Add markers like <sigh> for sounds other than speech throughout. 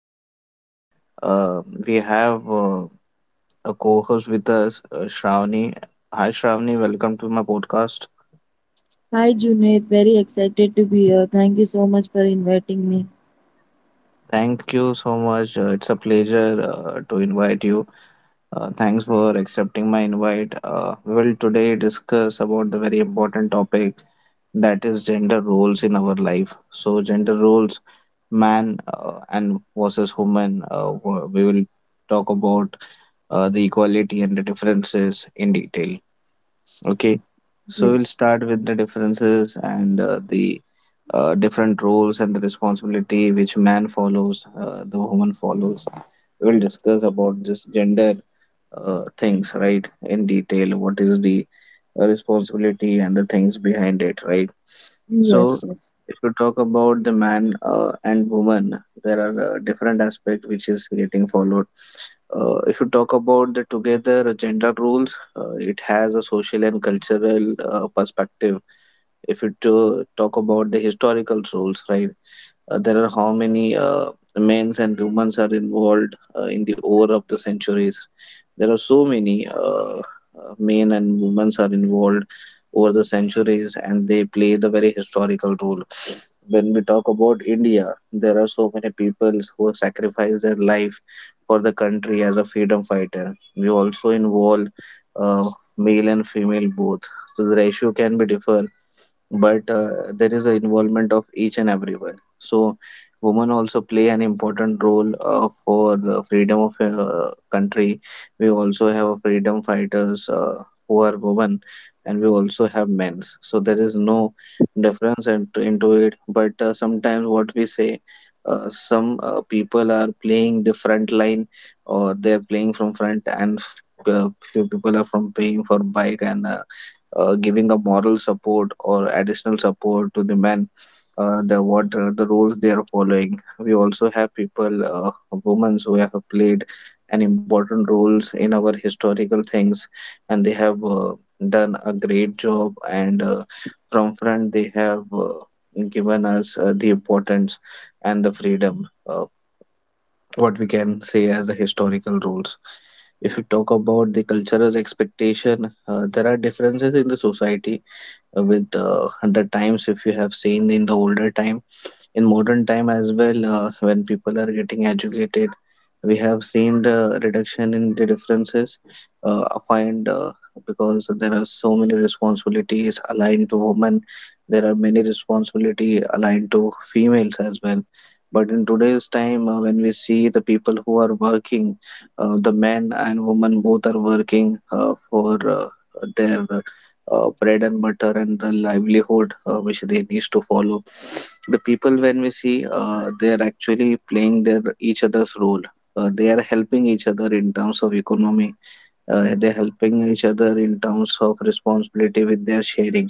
Junaid. Uh, we have a co host with us, Shravani. Hi, Shravani. Welcome to my podcast. Hi Junaid, very excited to be here. Thank you so much for inviting me. Thank you so much. It's a pleasure to invite you. Thanks for accepting my invite. We will today discuss about the very important topic, that is gender roles in our life. So, gender roles, man and versus woman. We will talk about the equality and the differences in detail. Okay, so we'll Yes, start with the differences and the different roles and the responsibility which man follows, the woman follows. We'll discuss about this gender things, right, in detail. What is the responsibility and the things behind it, right? yes, So, yes, if you talk about the man and woman, there are different aspects which is getting followed. If you talk about the together gender roles, it has a social and cultural perspective. If you to talk about the historical roles, right? There are how many men's and women's are involved in the over of the centuries. There are so many uh, men and women's are involved over the centuries, and they play the very historical role. When we talk about India, there are so many people who sacrifice their life for the country as a freedom fighter. We also involve uh, male and female both, so the ratio can be differ, but there is an involvement of each and everyone. So, women also play an important role for the freedom of a country. We also have freedom fighters who are women, and we also have men's. So there is no difference into it. But sometimes what we say. Some people are playing the front line, or they're playing from front and few people are from paying for bike and giving a moral support or additional support to the men, the what are the roles they are following. We also have people, women, who have played an important roles in our historical things, and they have done a great job, and from front they have given us the importance and the freedom, what we can say as the historical roles. If you talk about the cultural expectation, there are differences in the society with the times. If you have seen in the older time, in modern time as well, when people are getting educated, we have seen the reduction in the differences. I find because there are so many responsibilities aligned to women, there are many responsibility aligned to females as well. But in today's time, when we see the people who are working, the men and women both are working for uh, their bread and butter and the livelihood which they need to follow, the people, when we see, they are actually playing their each other's role. They are helping each other in terms of economy. They're helping each other in terms of responsibility with their sharing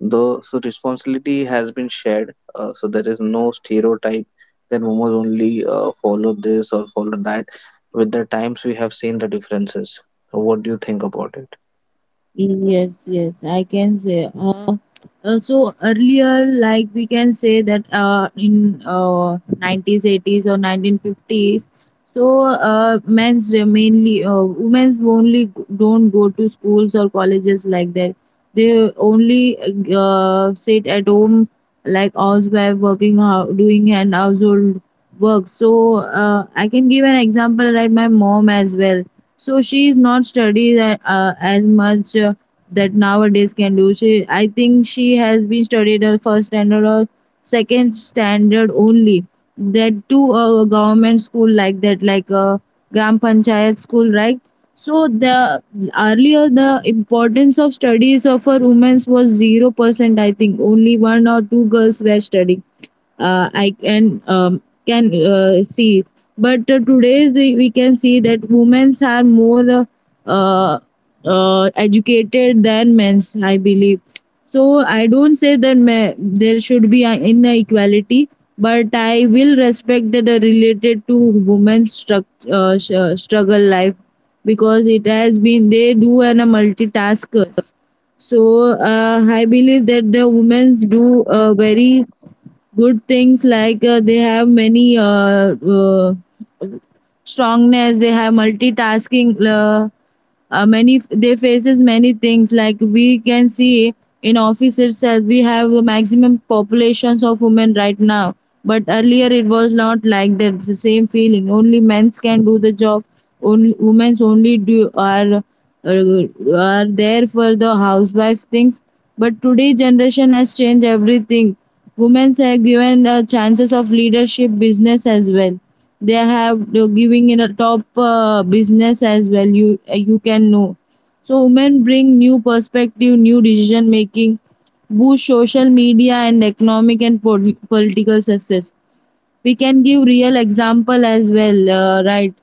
though, so responsibility has been shared. So there is no stereotype that women only follow this or follow that. With the times we have seen the differences. So what do you think about it? yes, yes. I can say. So earlier, like we can say that in 90s, 80s, or 1950s. So mainly women's only don't go to schools or colleges like that. They only sit at home like housewife working out, doing and household work. So I can give an example like my mom as well. So she is not studied as much. That nowadays can do. She, I think she has been studied her first standard or second standard only. That to a government school like that, like a Gram Panchayat school, right? So the earlier the importance of studies of our women's was 0%. I think only one or two girls were studying. I can see, but today we can see that women's are more uh, educated than men, I believe. So I don't say that there should be an inequality, but I will respect that are related to women's struggle life because it has been they do an a multitaskers. So I believe that the women's do very good things like they have many strongness. They have multitasking, many they faces many things, like we can see in office itself we have a maximum populations of women right now. But earlier it was not like that. It's the same feeling only men's can do the job, only women's only do are there for the housewife things. But today generation has changed everything. Women are given the chances of leadership business as well. They have they're giving in a top business as well. You you can know. So women bring new perspective, new decision making, boost social media and economic and political success. We can give real example as well, right?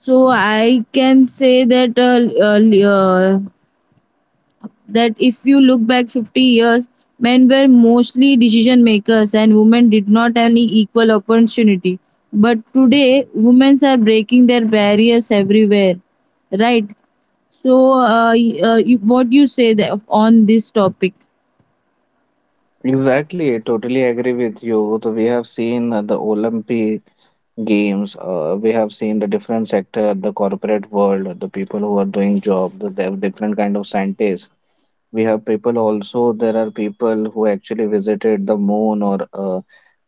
So I can say that uh, uh, that if you look back 50 years, men were mostly decision makers and women did not have any equal opportunity. But today, women are breaking their barriers everywhere, right? So, you, what you say that, on this topic? Exactly, I totally agree with you. So we have seen the Olympic games. We have seen the different sector, the corporate world, the people who are doing job, the different kind of scientists. We have people, also there are people who actually visited the moon, or uh,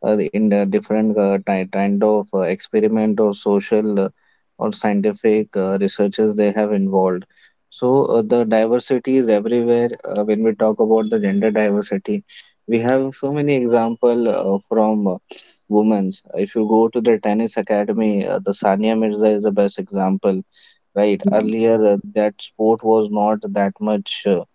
uh, in the different kind of experiment or social or scientific researches they have involved. So the diversity is everywhere. When we talk about the gender diversity, we have so many example, from women's. If you go to the tennis academy, the Sania Mirza is the best example. Right. Earlier, that sport was not that much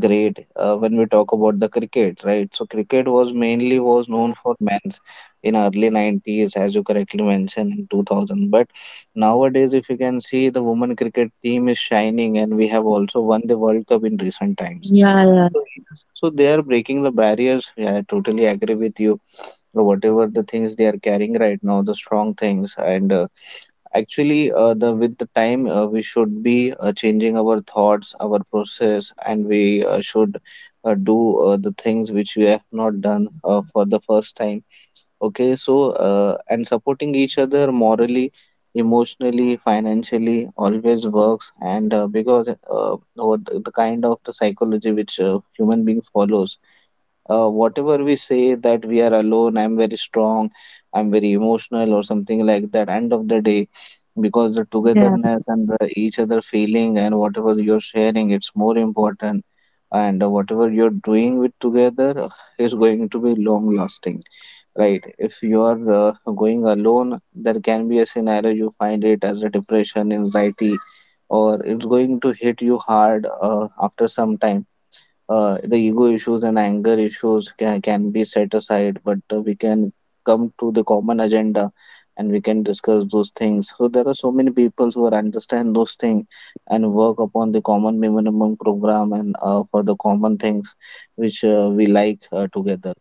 great when we talk about the cricket, right? So cricket was mainly was known for men's in early 90s, as you correctly mentioned, in 2000. But nowadays, if you can see, the women cricket team is shining, and we have also won the World Cup in recent times. Yeah, So yes, so they are breaking the barriers. Yeah, I totally agree with you. Whatever the things they are carrying right now, the strong things, and actually, the with the time, we should be changing our thoughts, our process, and we should do the things which we have not done for the first time. Okay, so and supporting each other morally, emotionally, financially always works, and because over the kind of the psychology which human being follows, whatever we say that we are alone, I'm very strong, I'm very emotional or something like that, end of the day, because the yeah, yeah, togetherness and the each other feeling and whatever you're sharing, it's more important. And whatever you're doing with together is going to be long lasting. Right? If you are going alone, there can be a scenario you find it as a depression, anxiety, or it's going to hit you hard after some time. The ego issues and anger issues can be set aside, but we can come to the common agenda, and we can discuss those things. So there are so many people who are understand those things and work upon the common minimum program, and for the common things which we like together.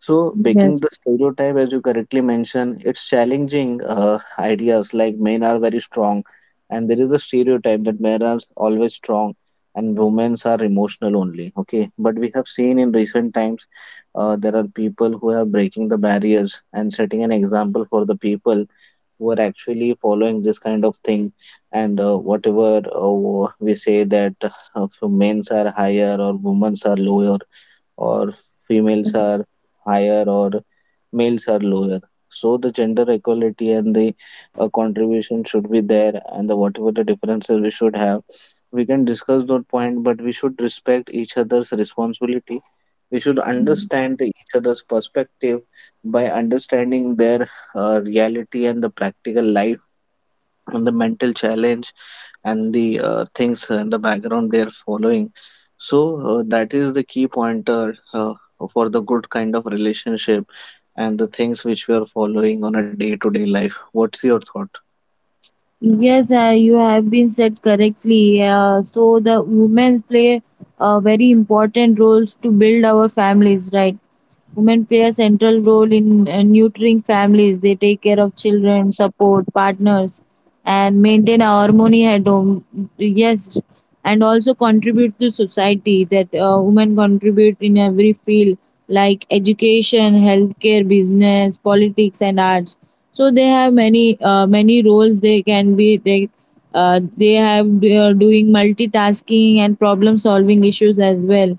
So, breaking yes. the stereotype, as you correctly mentioned, it's challenging ideas like men are very strong, and there is a stereotype that men are always strong and women are emotional only. Okay, but we have seen in recent times there are people who are breaking the barriers and setting an example for the people who are actually following this kind of thing. And whatever we say that men are higher or women are lower, or females are higher or males are lower. So the gender equality and the contribution should be there, and the whatever the differences we should have, we can discuss that point. But we should respect each other's responsibility. We should understand the each other's perspective by understanding their reality and the practical life and the mental challenge and the things in the background they are following. So that is the key pointer for the good kind of relationship and the things which we are following on a day-to-day life. What's your thought? Yes, you have been said correctly. So the women play very important roles to build our families, right? Women play a central role in nurturing families. They take care of children, support partners, and maintain our harmony at home. Yes, and also contribute to society. That women contribute in every field like education, healthcare, business, politics, and arts. So they have many roles. They can be They doing multitasking and problem solving issues as well.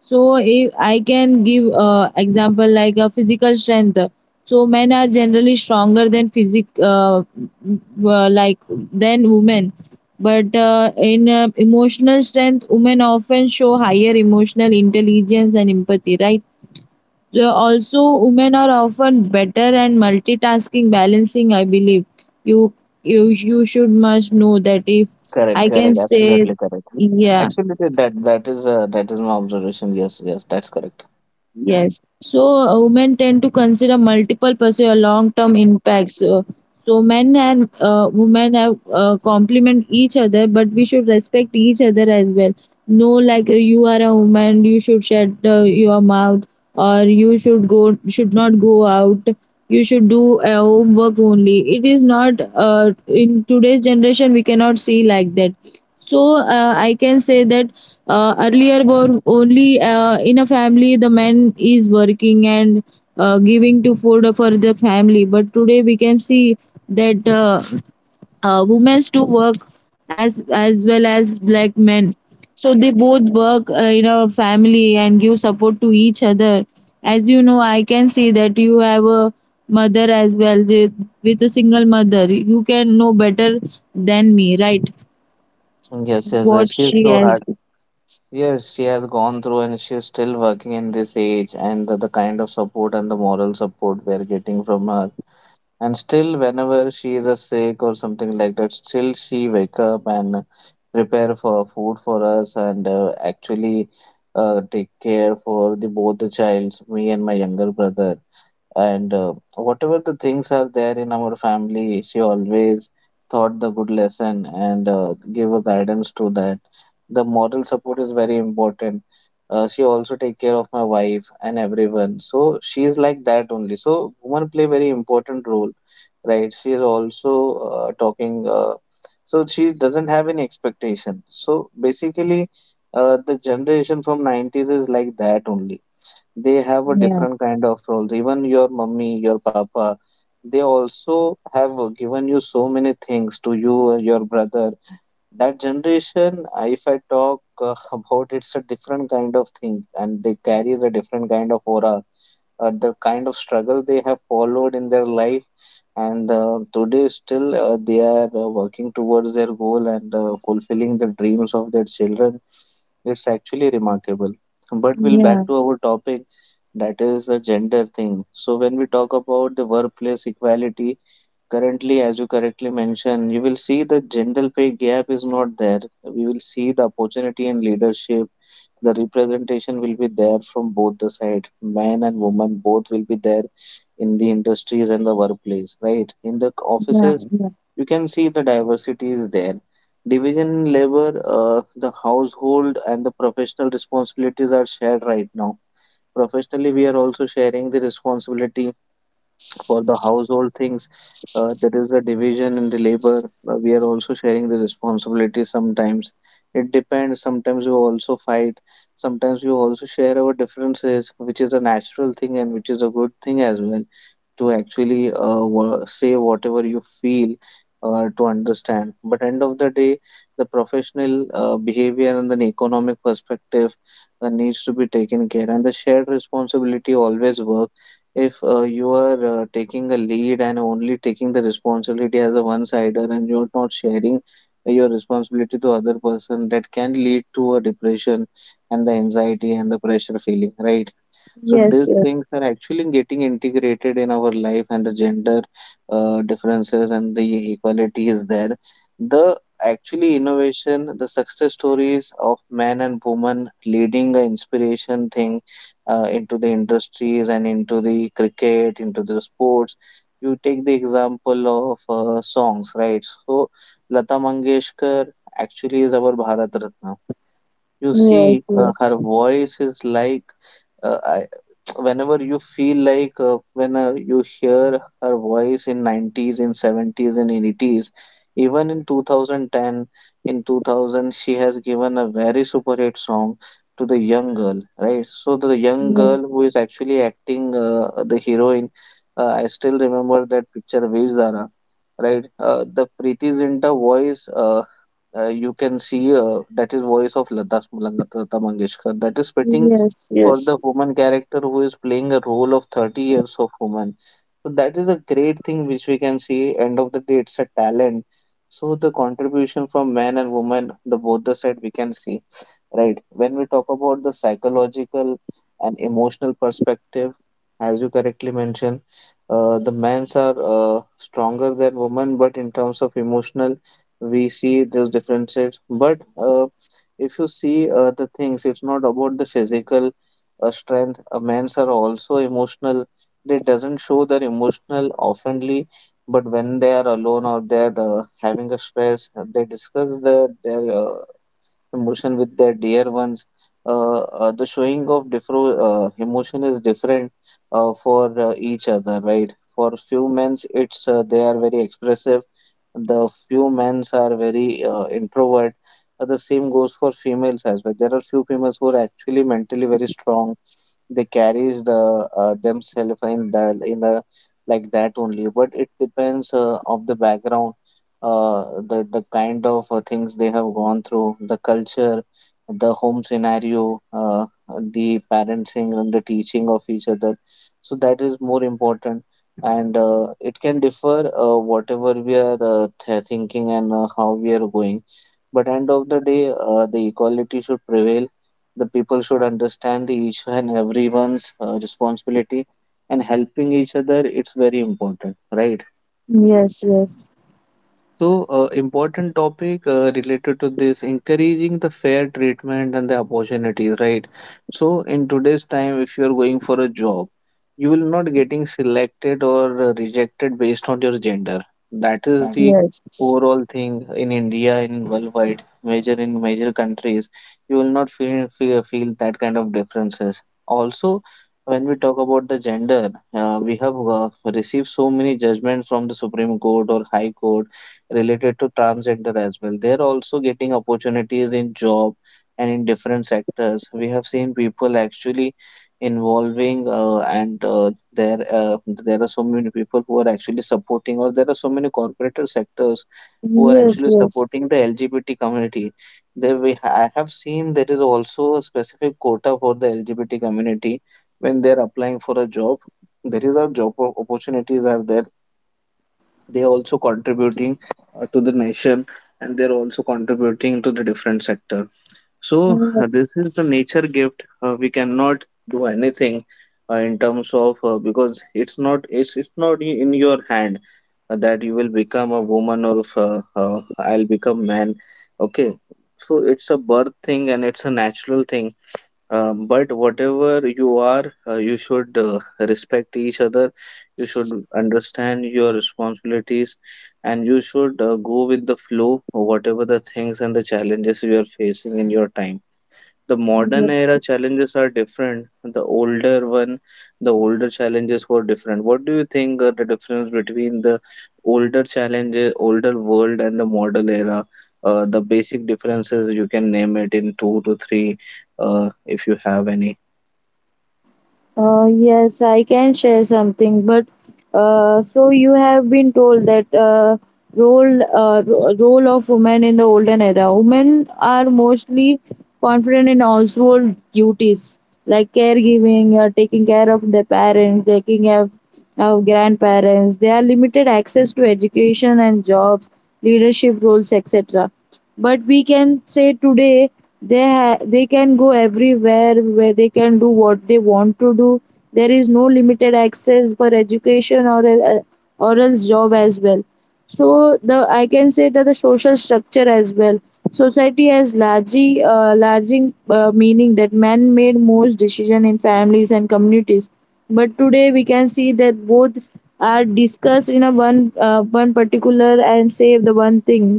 So if I can give example like a physical strength, so men are generally stronger than physic like than women. But in emotional strength, women often show higher emotional intelligence and empathy, right? Yeah, also women are often better and multitasking balancing, I believe. You you you should must know that, if Correct, I can say. Correct. Yeah. Absolutely, that that is my observation. Yes, yes, that's correct. Yes. So women tend to consider multiple pursuit or long-term impacts. So men and women have complement each other, but we should respect each other as well. No, like you are a woman, you should shut your mouth, or you should go should not go out. You should do homework only. It is not in today's generation we cannot see like that. So I can say that earlier were only in a family the man is working and giving to food for the family. But today we can see that women do work as well as like men. So they both work in a family and give support to each other. As you know, I can see that you have a mother as well, with a single mother. You can know better than me, right? Yes, yes, What she is she so has. hard. Yes, she has gone through, and she is still working in this age, and the kind of support and the moral support we are getting from her. And still, whenever she is a sick or something like that, still she wake up and prepare for food for us, and actually take care for the both the childs, me and my younger brother. And whatever the things are there in our family, she always taught the good lesson, and give a guidance to that. The moral support is very important. She also take care of my wife and everyone, so she is like that only. So women play very important role, right? She is also talking. So she doesn't have any expectation. So basically, the generation from 90s is like that only. They have a Yeah, different kind of roles. Even your mummy, your papa, they also have given you so many things to you, your brother. That generation, if I talk <laughs> about, it's a different kind of thing, and they carry the different kind of aura, the kind of struggle they have followed in their life, and today still they are working towards their goal, and fulfilling the dreams of their children. It's actually remarkable. But we'll yeah, back to our topic, that is the gender thing. So when we talk about the workplace equality, currently, as you correctly mentioned, you will see the gender pay gap is not there. We will see the opportunity in leadership, the representation will be there from both the side, man and woman both will be there in the industries and the workplace, right, in the yeah, offices. yeah, You can see the diversity is there. Division in labor, the household and the professional responsibilities are shared right now. Professionally we are also sharing the responsibility for the household things. There is a division in the labor. We are also sharing the responsibility sometimes. It depends. Sometimes we also fight. Sometimes we also share our differences, which is a natural thing and which is a good thing as well to actually say whatever you feel to understand. But end of the day, the professional behavior and the economic perspective needs to be taken care, and the shared responsibility always work if you are taking a lead and only taking the responsibility as a one-sider and you're not sharing your responsibility to other person, that can lead to a depression and the anxiety and the pressure feeling, right? So yes, these yes, things are actually getting integrated in our life, and the gender differences and the equality is there. The actually innovation, the success stories of men and women leading the inspiration thing into the industries and into the cricket, into the sports. You take the example of songs, right? So Lata Mangeshkar actually is our Bharat Ratna. You yes, see, her yes, voice is like uh, I, <tsk> whenever you feel like when you hear her voice in 90s, in 70s, and in 80s, even in 2010, in 2000, she has given a very super hit song to the young girl, right? So the young yeah. girl who is actually acting the heroine, I still remember that picture, Veer Zara, right? The Preeti Zinta voice. You can see that is voice of Lata Mangeshkar that is fitting Yes, for yes, the woman character who is playing a role of 30 years of woman, so that is a great thing which we can see. End of the day, it's a talent. So the contribution from man and woman, the both the side we can see, right? When we talk about the psychological and emotional perspective, as you correctly mentioned, the men's are stronger than women, but in terms of emotional, we see those differences. But if you see the things, it's not about the physical strength. Men's are also emotional, they doesn't show their emotional oftenly, but when they are alone or they're having a stress, they discuss their emotion with their dear ones. The showing of different emotion is different for each other, right? For few men's, it's they are very expressive. The few men's are very introvert. The same goes for females as well. There are few females who are actually mentally very strong, they carries the themselves in the like that only, but it depends of the background, uh, the kind of things they have gone through, the culture, the home scenario, the parenting and the teaching of each other, so that is more important. And it can differ whatever we are thinking and how we are going. But end of the day, the equality should prevail, the people should understand the each and everyone's responsibility and helping each other, it's very important, right? yes, yes, yes, So, important topic related to this encouraging the fair treatment and the opportunities, right? So, in today's time, if you are going for a job, you will not getting selected or rejected based on your gender. That is the yes, overall thing in India, in worldwide, major in major countries. You will not feel that kind of differences. Also, when we talk about the gender, we have received so many judgments from the Supreme Court or High Court related to transgender as well. They're also getting opportunities in job and in different sectors. We have seen people actually involving and there there are so many people who are actually supporting, or there are so many corporate sectors who are actually supporting the LGBT community. There we I have seen there is also a specific quota for the LGBT community when they're applying for a job. There is a job opportunities are there, they are also contributing to the nation, and they're also contributing to the different sector. yes, So yes, this is the nature gift, we cannot do anything in terms of because it's not in your hand that you will become a woman or if, I'll become man. Okay, so it's a birth thing and it's a natural thing. But whatever you are, you should respect each other. You should understand your responsibilities, and you should go with the flow, whatever the things and the challenges you are facing in your time. The modern yes. era challenges are different. The older one, the older challenges were different. What do you think are the difference between the older challenges, older world, and the modern era? The basic differences you can name it in two to three, if you have any. Yes, I can share something, but so you have been told that role of women in the olden era. Women are mostly confident in household duties like caregiving, taking care of their parents, taking care of grandparents. They are limited access to education and jobs, leadership roles, etc. But we can say today they can go everywhere, where they can do what they want to do. There is no limited access for education or or else job as well. So the I can say that the social structure as well, society has largely larging meaning that man made most decision in families and communities. But today we can see that both are discussed in a one particular and say the one thing.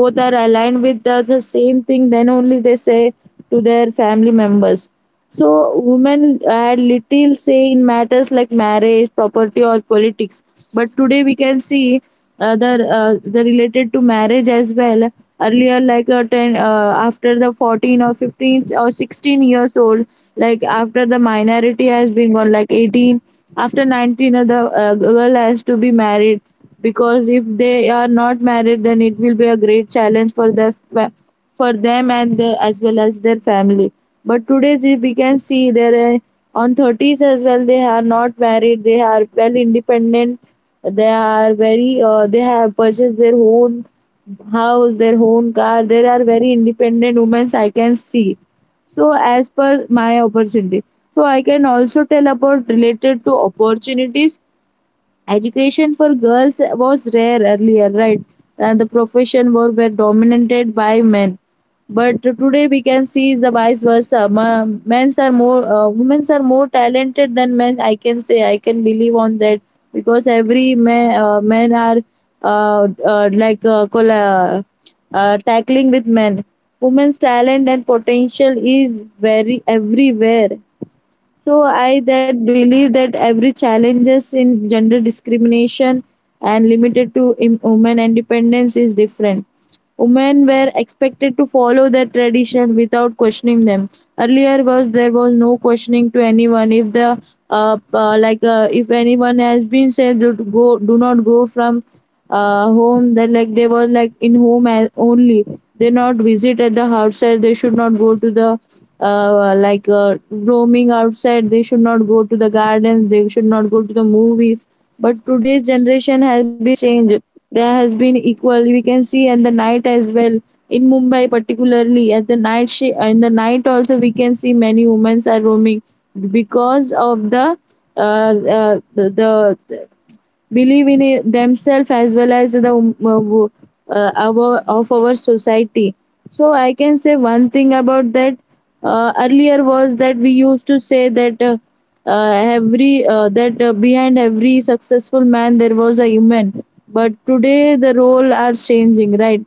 Both are aligned with the same thing, then only they say to their family members. So women had little say in matters like marriage, property, or politics. But today we can see uh, the the related to marriage as well. Earlier, like ten, after the 14 or 15 or 16 years old, like after the minority has been gone, like 18, after 19, the girl has to be married, because if they are not married then it will be a great challenge for their for them and as well as their family. But today we can see there are on 30s as well they are not married, they are well independent. They are very They have purchased their own house, their own car. There are very independent women, I can see. So as per my opportunity, so I can also tell about related to opportunities. Education for girls was rare earlier, right? And the profession were dominated by men. But today we can see is the vice versa. Men's are more, women's are more talented than men. I can say, I can believe on that, because every man, men are uh, uh, like uh, col- uh, tackling with men. Women's talent and potential is very everywhere. So I that believe that every challenges in gender discrimination and limited to women independence is different. Women were expected to follow their tradition without questioning them. Earlier was there was no questioning to anyone. If the like If anyone has been said to go, do not go from home. That like they were like in home only, they not visit at the outside. They should not go to the roaming outside, they should not go to the gardens, they should not go to the movies. But today's generation has been changed. There has been equal, we can see at the night as well. In Mumbai particularly at the night, she in the night also we can see many women are roaming, because of the believe in it themselves, as well as our of our society. So I can say one thing about that. Earlier was that we used to say that uh, every that behind every successful man there was a human. But today the role are changing, right?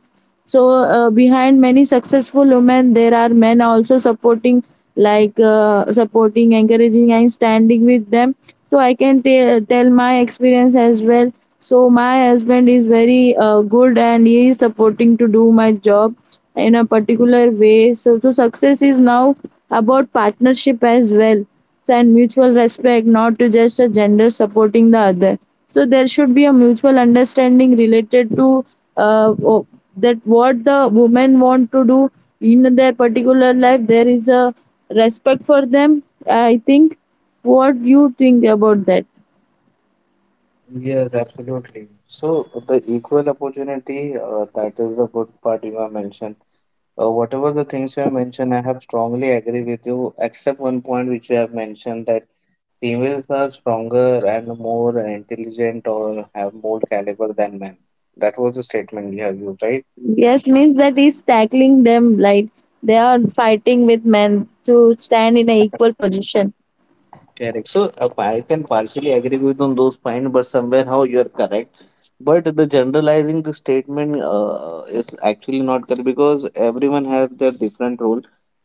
So behind many successful women there are men also supporting, like supporting, encouraging, and standing with them. So I can tell my experience as well. So my husband is very good and he is supporting to do my job in a particular way. So success is now about partnership as well, and mutual respect, not to just a gender supporting the other. So there should be a mutual understanding related to uh, o- that what the women want to do in their particular life. There is a respect for them, I think. What you think about that? Yes, absolutely. So the equal opportunity, that is the good part you have mentioned. Whatever the things you have mentioned, I have strongly agree with you, except one point which you have mentioned that. Females are stronger and more intelligent or have more caliber than men. That was the statement you have used, right? Yes, means that is tackling them like they are fighting with men to stand in an equal position. Correct. So I can partially agree with on those points, but somewhere how you are correct. But the generalizing the statement is actually not correct because everyone has their different role.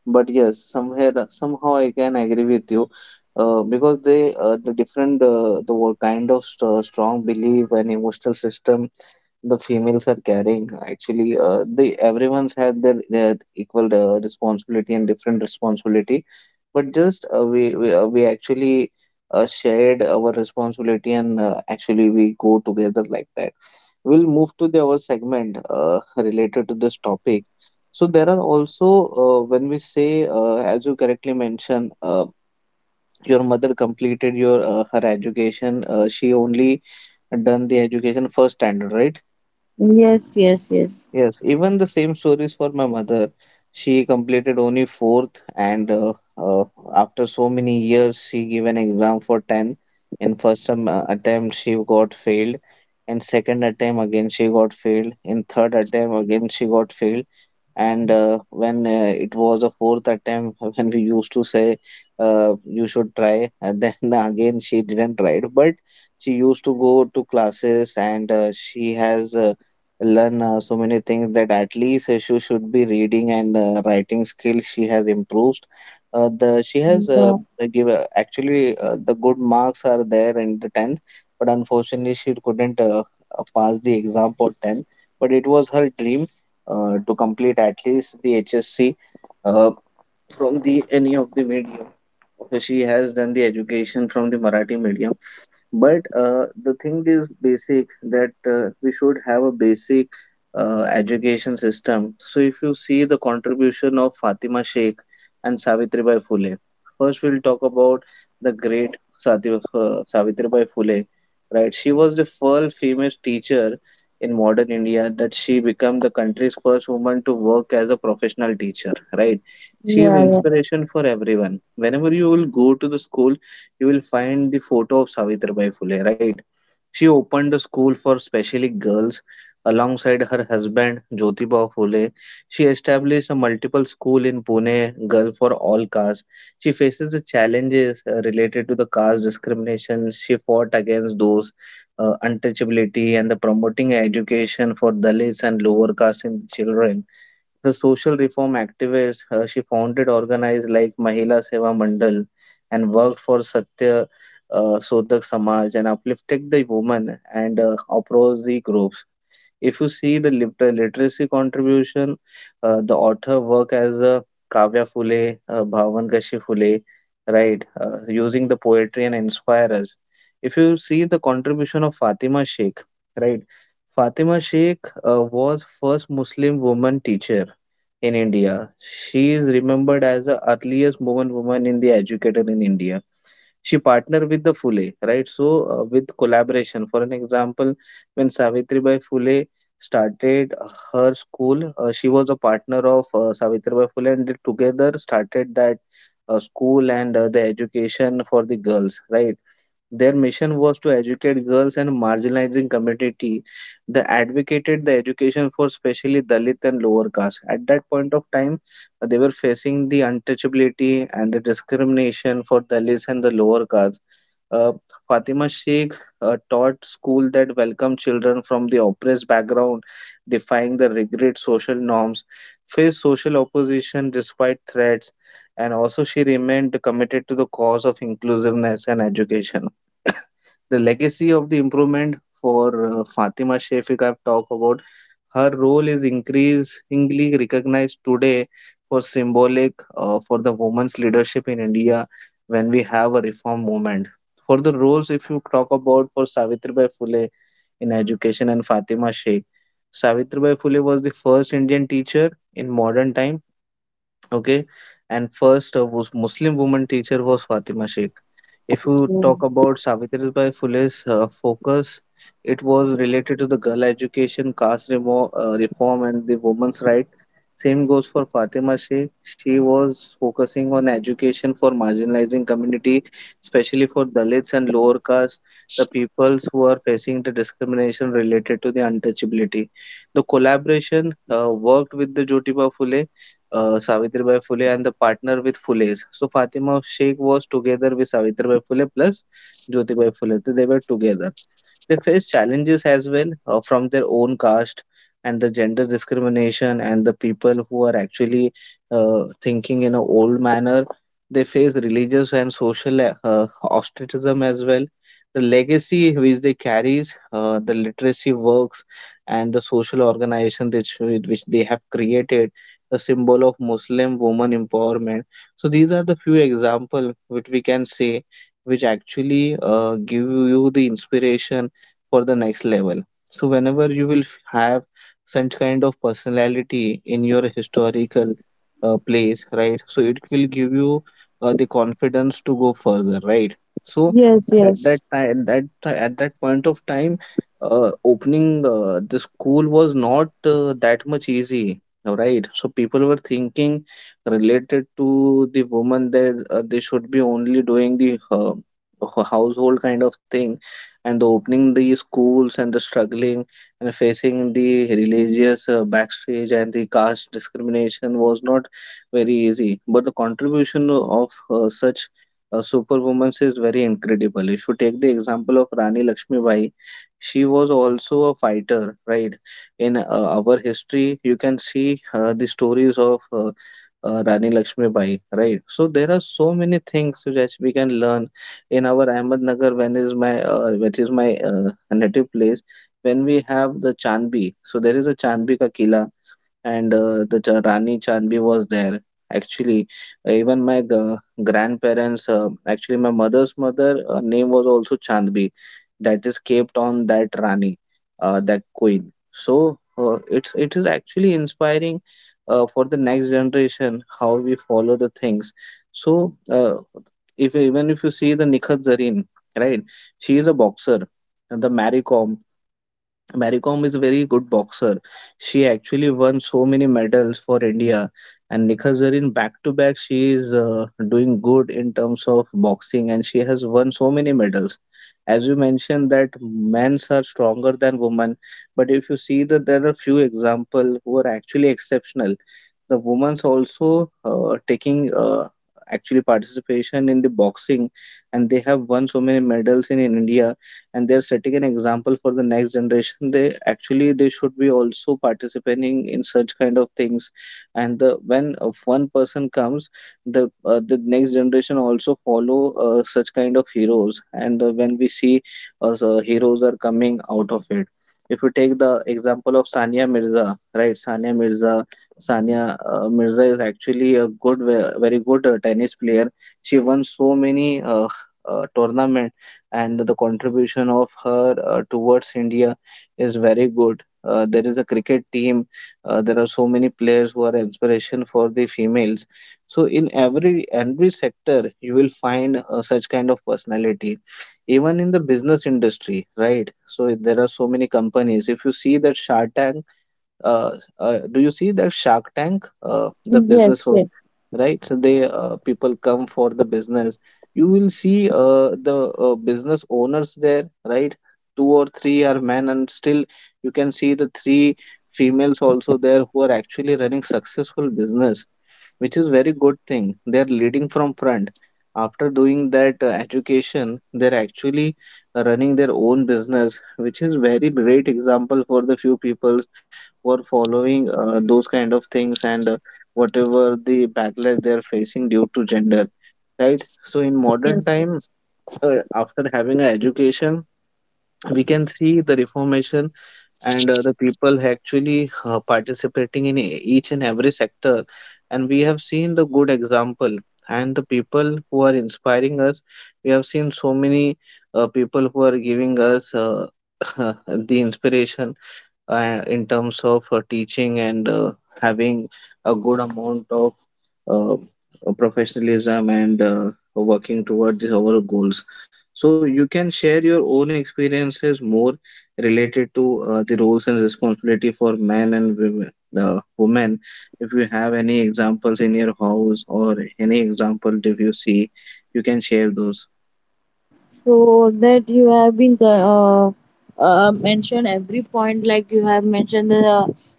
But yes, somewhere somehow I can agree with you because they the different kind of strong belief and emotional system, the females are carrying. Actually they, everyone's had their equal responsibility and different responsibility, but just we actually shared our responsibility and actually we go together like that. We'll move to the our segment related to this topic. So there are also when we say, as you correctly mentioned, your mother completed your her education, she only done the education first standard, right? Yes, yes, yes. Yes, even the same stories for my mother. She completed only fourth, and after so many years, she gave an exam for 10. In first attempt, she got failed. In second attempt, again, she got failed. In third attempt, again, she got failed. And when it was a fourth attempt <laughs> when we used to say you should try, and then <laughs> again she didn't try it. But she used to go to classes, and she has learned so many things, that at least she should be reading, and writing skill she has improved. The She has Yeah, give actually the good marks are there in the 10th, but unfortunately she couldn't pass the exam for 10th. But it was her dream to complete at least the HSC uh, from the any of the medium. So she has done the education from the Marathi medium. But the thing is basic, that we should have a basic education system. So if you see the contribution of Fatima Sheikh and Savitribai Phule, first we'll talk about the great Savitribai Phule, right? She was the first female teacher in modern India, that she became the country's first woman to work as a professional teacher, right? She is yeah, yeah. inspiration for everyone. Whenever you will go to the school, you will find the photo of Savitribai Phule, right? She opened a school for specially girls alongside her husband Jyotibha Phule. She established a multiple school in Pune, girl for all castes. She faces the challenges related to the caste discrimination. She fought against those untouchability and the promoting education for Dalits and lower caste in children, the social reform activist. She founded organized like Mahila Seva Mandal and worked for Satya Sodak Samaj and uplifted the women and opposed groups. If you see the literacy contribution, the author work as Kavya Phule, Bhavan Kashi Phule, right, using the poetry and inspire us. If you see the contribution of Fatima Sheikh, right, Fatima Sheikh was first Muslim woman teacher in India. She is remembered as the earliest woman in the educator in India. She partnered with the Fule, right? So, with collaboration. For an example, when Savitribai Phule started her school, she was a partner of Savitribai Phule, and they together started that school and the education for the girls, right? Their mission was to educate girls and marginalizing community. They advocated the education for especially Dalit and lower caste. At that point of time, they were facing the untouchability and the discrimination for Dalits and the lower caste. Uh, Fatima Sheikh taught school that welcomed children from the oppressed background, defying the rigid social norms, faced social opposition despite threats, and also she remained committed to the cause of inclusiveness and education, the legacy of the improvement for Fatima Shafiq, I've talked about. Her role is increasingly recognized today for symbolic, for the women's leadership in India when we have a reform movement. For the roles, if you talk about for Savitribai Phule in education and Fatima Sheikh, Savitribai Phule was the first Indian teacher in modern times. Okay, and first, was Muslim woman teacher was Fatima Sheikh. If you Yeah. talk about Savitribai Phule's focus, it was related to the girl education, reform, and the women's right. Same goes for Fatima Sheikh. She was focusing on education for marginalizing community, especially for Dalits and lower caste, the peoples who are facing the discrimination related to the untouchability. The collaboration worked with the Jyotiba Phule, Savitribai Phule and the partner with Phule's. So Fatima Sheikh was together with Savitribai Phule plus Jyotibai Phule. So they were together. They face challenges as well, from their own caste and the gender discrimination and the people who are actually thinking in an old manner. They face religious and social ostracism as well. The legacy which they carries, the literacy works, and the social organization which they have created, the symbol of Muslim woman empowerment. So these are the few examples which we can say, which actually give you the inspiration for the next level. So whenever you have such kind of personality in your historical place, right? So it will give you the confidence to go further, right? So Yes, at yes. that time, at that point of time, opening the school was not that much easy, right? So people were thinking related to the woman that they should be only doing the household kind of thing and the opening the schools and the struggling and facing the religious backstage and the caste discrimination was not very easy. But the contribution of such superwomen is very incredible. If you take the example of Rani Lakshmibai, she was also a fighter, right? In our history, you can see the stories of Rani Lakshmibai, right? So there are so many things which we can learn in our Ahmednagar, when is my which is my native place, when we have the Chandbi. So there is a Chandbi ka Kila, and Rani Chandbi was there. Actually, even grandparents, actually my mother's mother, name was also Chandbi, that is kept on that Rani, that queen. So it is actually inspiring for the next generation how we follow the things. So if even if you see the Nikhat Zareen, right, she is a boxer, and the Mary Kom. Mary Kom is a very good boxer. She actually won so many medals for India. And Nikha Zarin, back to back, she is doing good in terms of boxing and she has won so many medals. As you mentioned, that men's are stronger than women. But if you see that there are few examples who are actually exceptional, the women's also taking actually participation in the boxing, and they have won so many medals in India, and they're setting an example for the next generation. They actually they should be also participating in such kind of things. And the when of one person comes, the next generation also follow such kind of heroes, and when we see, so heroes are coming out of it. If you take the example of Sania Mirza, right, Sania Mirza is actually very good tennis player. She won so many tournaments, and the contribution of her towards India is very good. There is a cricket team. There are so many players who are inspiration for the females. So in every sector, you will find such kind of personality. Even in the business industry, right? So there are so many companies. If you see that Shark Tank, do you see that Shark Tank, the business Yes, for, yes, right? So they people come for the business. You will see the business owners there, right? Two or three are men, and still you can see the three females also there who are actually running successful business, which is very good thing. They are leading from front. After doing that education, they're actually running their own business, which is very great example for the few peoples who are following those kind of things, and whatever the backlash they are facing due to gender, right? So in you modern can see. time, after having an education, we can see the reformation and the people actually participating in each and every sector, and we have seen the good example and the people who are inspiring us. We have seen so many people who are giving us <laughs> the inspiration in terms of teaching and having a good amount of uh, professionalism and working towards our goals. So you can share your own experiences more related to the roles and responsibility for men and women. Women, if you have any examples in your house or any example if you see, you can share those. So that you have been mentioned every point, like you have mentioned the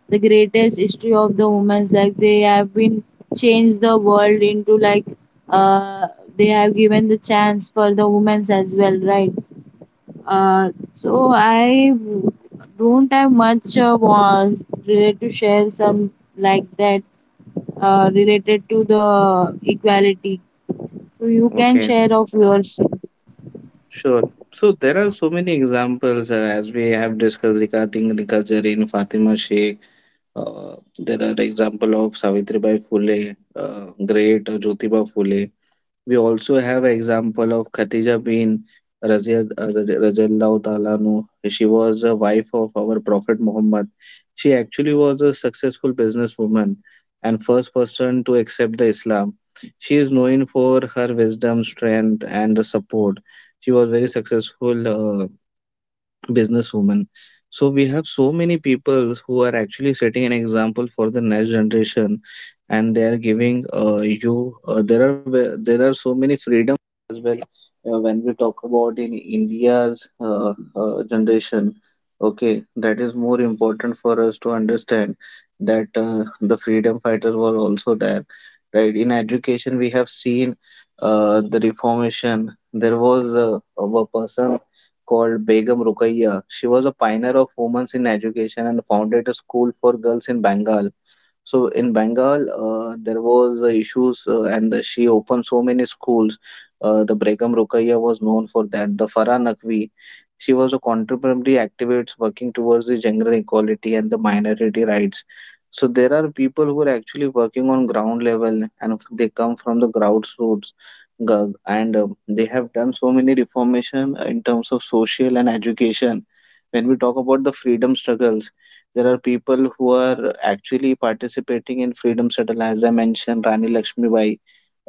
the greatest history of the women's, like they have been changed the world into like uh they have given the chance for the women's as well, right? So I don't have much related to share some like that related to the equality. So you can Okay. share of yours. Sure. So there are so many examples as we have discussed regarding Nika Zareen, Fatima Sheikh. There are example of Savitribai Phule, great Jyotiba Phule. We also have an example of Khadija bin Radiallahu Ta'ala anhu. She was a wife of our Prophet Muhammad. She actually was a successful businesswoman and first person to accept the Islam. She is known for her wisdom, strength, and the support. She was very successful businesswoman. So we have so many people who are actually setting an example for the next generation, and they are giving you. There are there are so many freedom as well, when we talk about in India's generation. Okay, that is more important for us to understand that the freedom fighters were also there, right? In education, we have seen the reformation. There was a person called Begum Rukayya. She was a pioneer of women's in education and founded a school for girls in Bengal. So in Bengal, there was the issues, and the, she opened so many schools. The Begum Rukaiya was known for that. The Farah Naqvi, she was a contemporary activist working towards the gender equality and the minority rights. So there are people who are actually working on ground level, and they come from the grassroots, and they have done so many reformation in terms of social and education. When we talk about the freedom struggles, there are people who are actually participating in freedom struggle. As I mentioned, Rani Lakshmibai,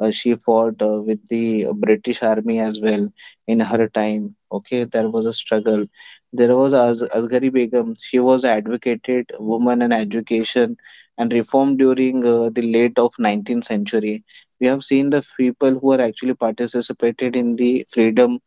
she fought with the British Army as well in her time. Okay, there was a struggle. There was Asghari Begum. She was advocated woman and education and reform during the late of 19th century. We have seen the people who are actually participated in the freedom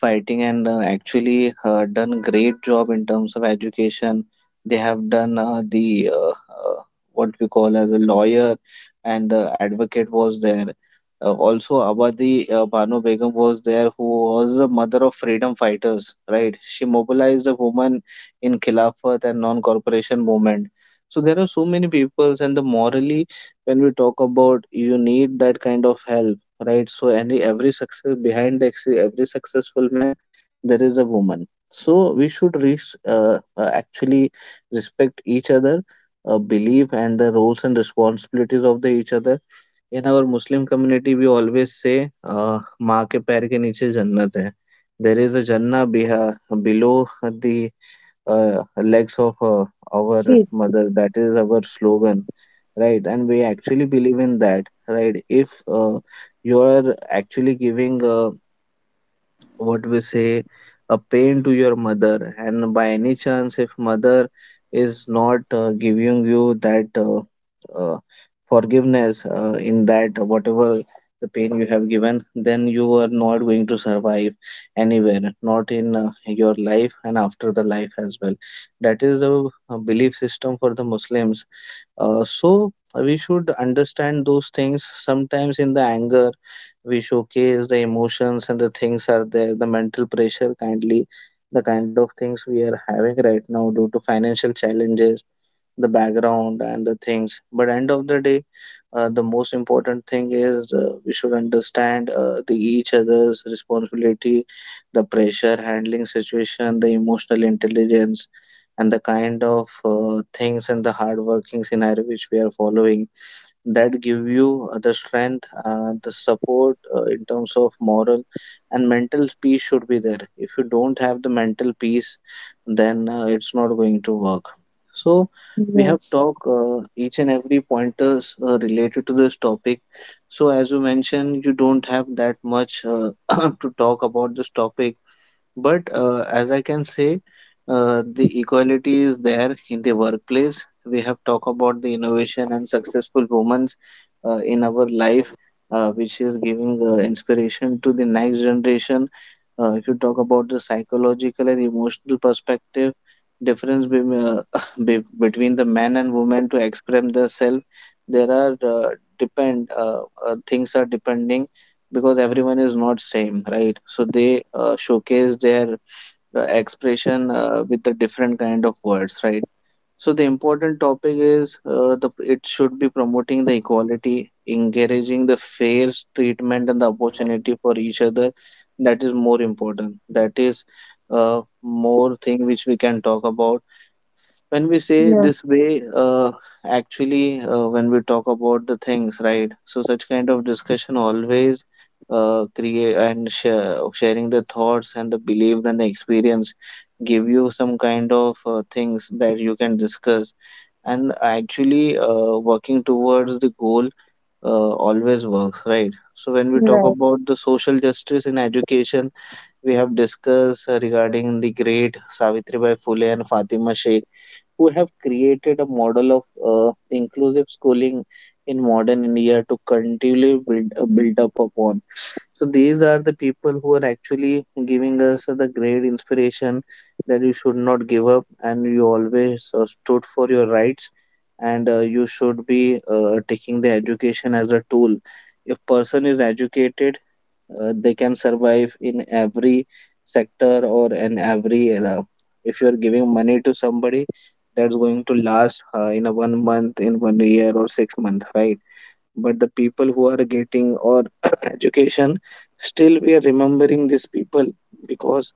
fighting, and actually done great job in terms of education. They have done the what we call as a lawyer and the advocate was there. Also, Abadi Banu Begum was there, who was the mother of freedom fighters, right? She mobilized the women in Khilafat and non-corporation movement. So there are so many peoples, and the morally, when we talk about, you need that kind of help, right? So any every success behind actually every successful man, there is a woman. So we should res actually respect each other, believe and the roles and responsibilities of the each other. In our Muslim community, we always say, "माँ के पैर के नीचे जन्नत है." There is a Jannah beha below the legs of our Yes, mother. That is our slogan, right? And we actually believe in that, right? If you are actually giving what we say a pain to your mother, and by any chance if mother is not giving you that uh, forgiveness in that whatever the pain you have given, then you are not going to survive anywhere, not in your life and after the life as well. That is the belief system for the Muslims. Uh, so we should understand those things. Sometimes in the anger, we showcase the emotions and the things are there, the mental pressure, kindly, the kind of things we are having right now due to financial challenges, the background and the things. But end of the day, the most important thing is we should understand the each other's responsibility, the pressure handling situation, the emotional intelligence and the kind of things and the hard working scenario which we are following that give you the strength, the support in terms of moral and mental peace should be there. If you don't have the mental peace then it's not going to work. So we have yes, talked each and every pointers related to this topic. So as you mentioned, you don't have that much <coughs> <clears throat> to talk about this topic, but as I can say, the equality is there in the workplace. We have talked about the innovation and successful women in our life, which is giving inspiration to the next generation. If you talk about the psychological and emotional perspective, difference be, uh, <laughs> between the men and women to express themselves, there are depend things are depending, because everyone is not same, right? So they showcase their expression with the different kind of words, right? So the important topic is, the it should be promoting the equality, encouraging the fair treatment and the opportunity for each other. That is more important. That is more thing which we can talk about when we say yes, this you're way. Actually, when we talk about the things, right? So such kind of discussion always create and sharing the thoughts and the beliefs and the experience give you some kind of things that you can discuss, and actually working towards the goal always works, right? So when we talk about the right. social justice in education, we have discussed regarding the great Savitribai Phule and Fatima Sheikh, who have created a model of inclusive schooling in modern India to continually build up upon. So these are the people who are actually giving us the great inspiration that you should not give up, and you always stood for your rights, and you should be taking the education as a tool. If person is educated, they can survive in every sector or in every era. If you're giving money to somebody, that's going to last in a one month, in one year, or 6 months, right? But the people who are getting or <coughs> <clears throat> education, still we are remembering these people because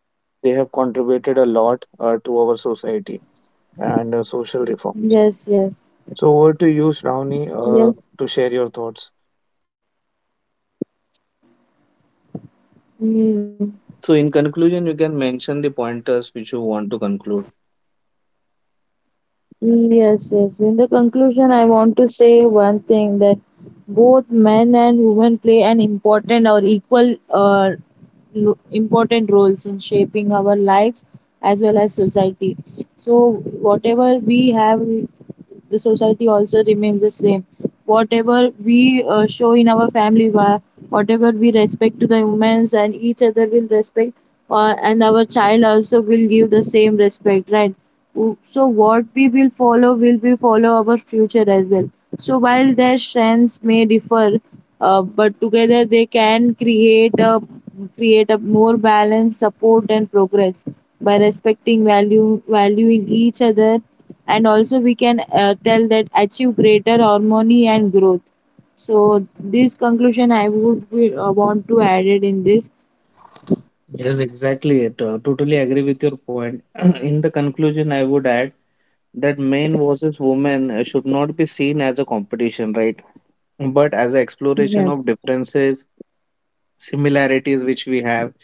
they have contributed a lot to our society and social reforms. Yes, yes, So over to you, Shravani, yes. to share your thoughts. Mm. So in conclusion, you can mention the pointers which you want to conclude. Yes, yes. In the conclusion, I want to say one thing, that both men and women play an important or equal important roles in shaping our lives as well as society. So whatever we have, the society also remains the same. Whatever we show in our family, whatever we respect to the humans and each other will respect, and our child also will give the same respect, right? Oop, so what we will follow will be follow our future as well. So while their strengths may differ, but together they can create a more balanced support and progress, by respecting value valuing each other, and also we can tell that achieve greater harmony and growth. So this conclusion I would want to add it in this. Yes, exactly it. Totally agree with your point. <clears throat> In the conclusion, I would add that men versus women should not be seen as a competition, right? But as an exploration of Yes. differences, similarities which we have,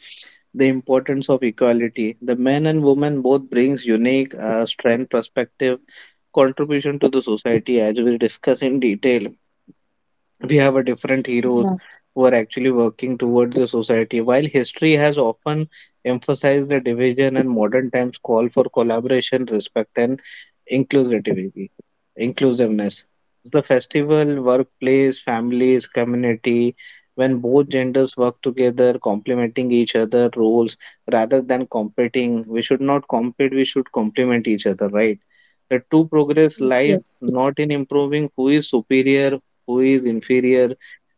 the importance of equality. The men and women both brings unique strength, perspective, contribution to the society, as we discuss in detail. We have a different heroes Yeah. who are actually working towards the society. While history has often emphasized the division, and modern times call for collaboration, respect, and inclusivity, inclusiveness. The festival, workplace, families, community, when both genders work together, complementing each other roles rather than competing. We should not compete, we should complement each other, right? The true progress lies Yes. not in improving who is superior, who is inferior,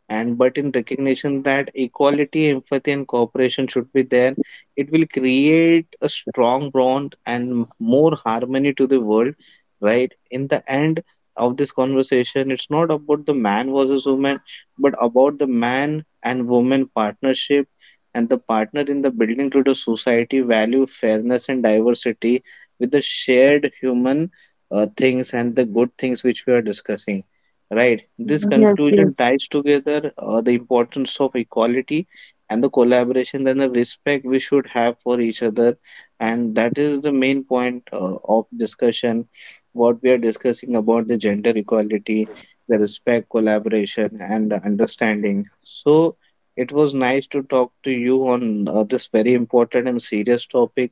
and but in recognition that equality, empathy, and cooperation should be there. It will create a strong bond and more harmony to the world, right? In the end of this conversation, it's not about the man versus woman, but about the man and woman partnership, and the partner in the building to the society value fairness and diversity with the shared human things and the good things which we are discussing. Right. This Yes. Yes. conclusion ties together the importance of equality and the collaboration and the respect we should have for each other. And that is the main point of discussion, what we are discussing about the gender equality, the respect, collaboration, and the understanding. So it was nice to talk to you on this very important and serious topic,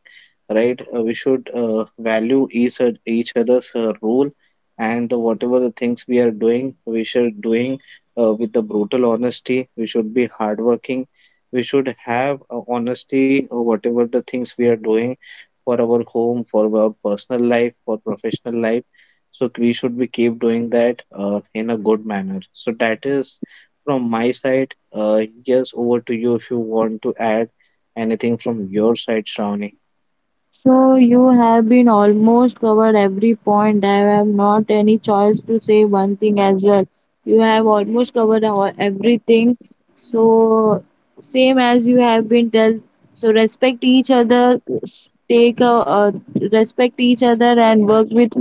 right? We should value each other's role, and the, whatever the things we are doing we should doing with the brutal honesty. We should be hardworking, we should have honesty, or whatever the things we are doing for our home, for our personal life, for professional life, so we should be keep doing that in a good manner. So that is from my side. Yes, over to you if you want to add anything from your side, Shravani. So you have been almost covered every point. I have not any choice to say one thing as well. You have almost covered everything. So same as you have been told. So respect each other. S- Take a Respect each other and work with,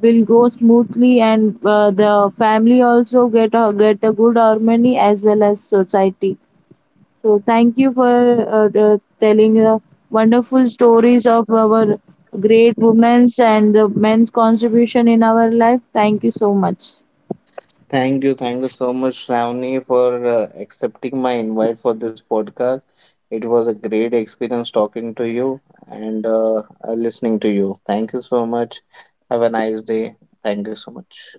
will go smoothly, and the family also get a good harmony as well as society. So thank you for telling wonderful stories of our great women's and the men's contribution in our life. Thank you so much. Thank you so much, Shravani, for accepting my invite for this podcast. It was a great experience talking to you and listening to you. Thank you so much. Have a nice day. Thank you so much.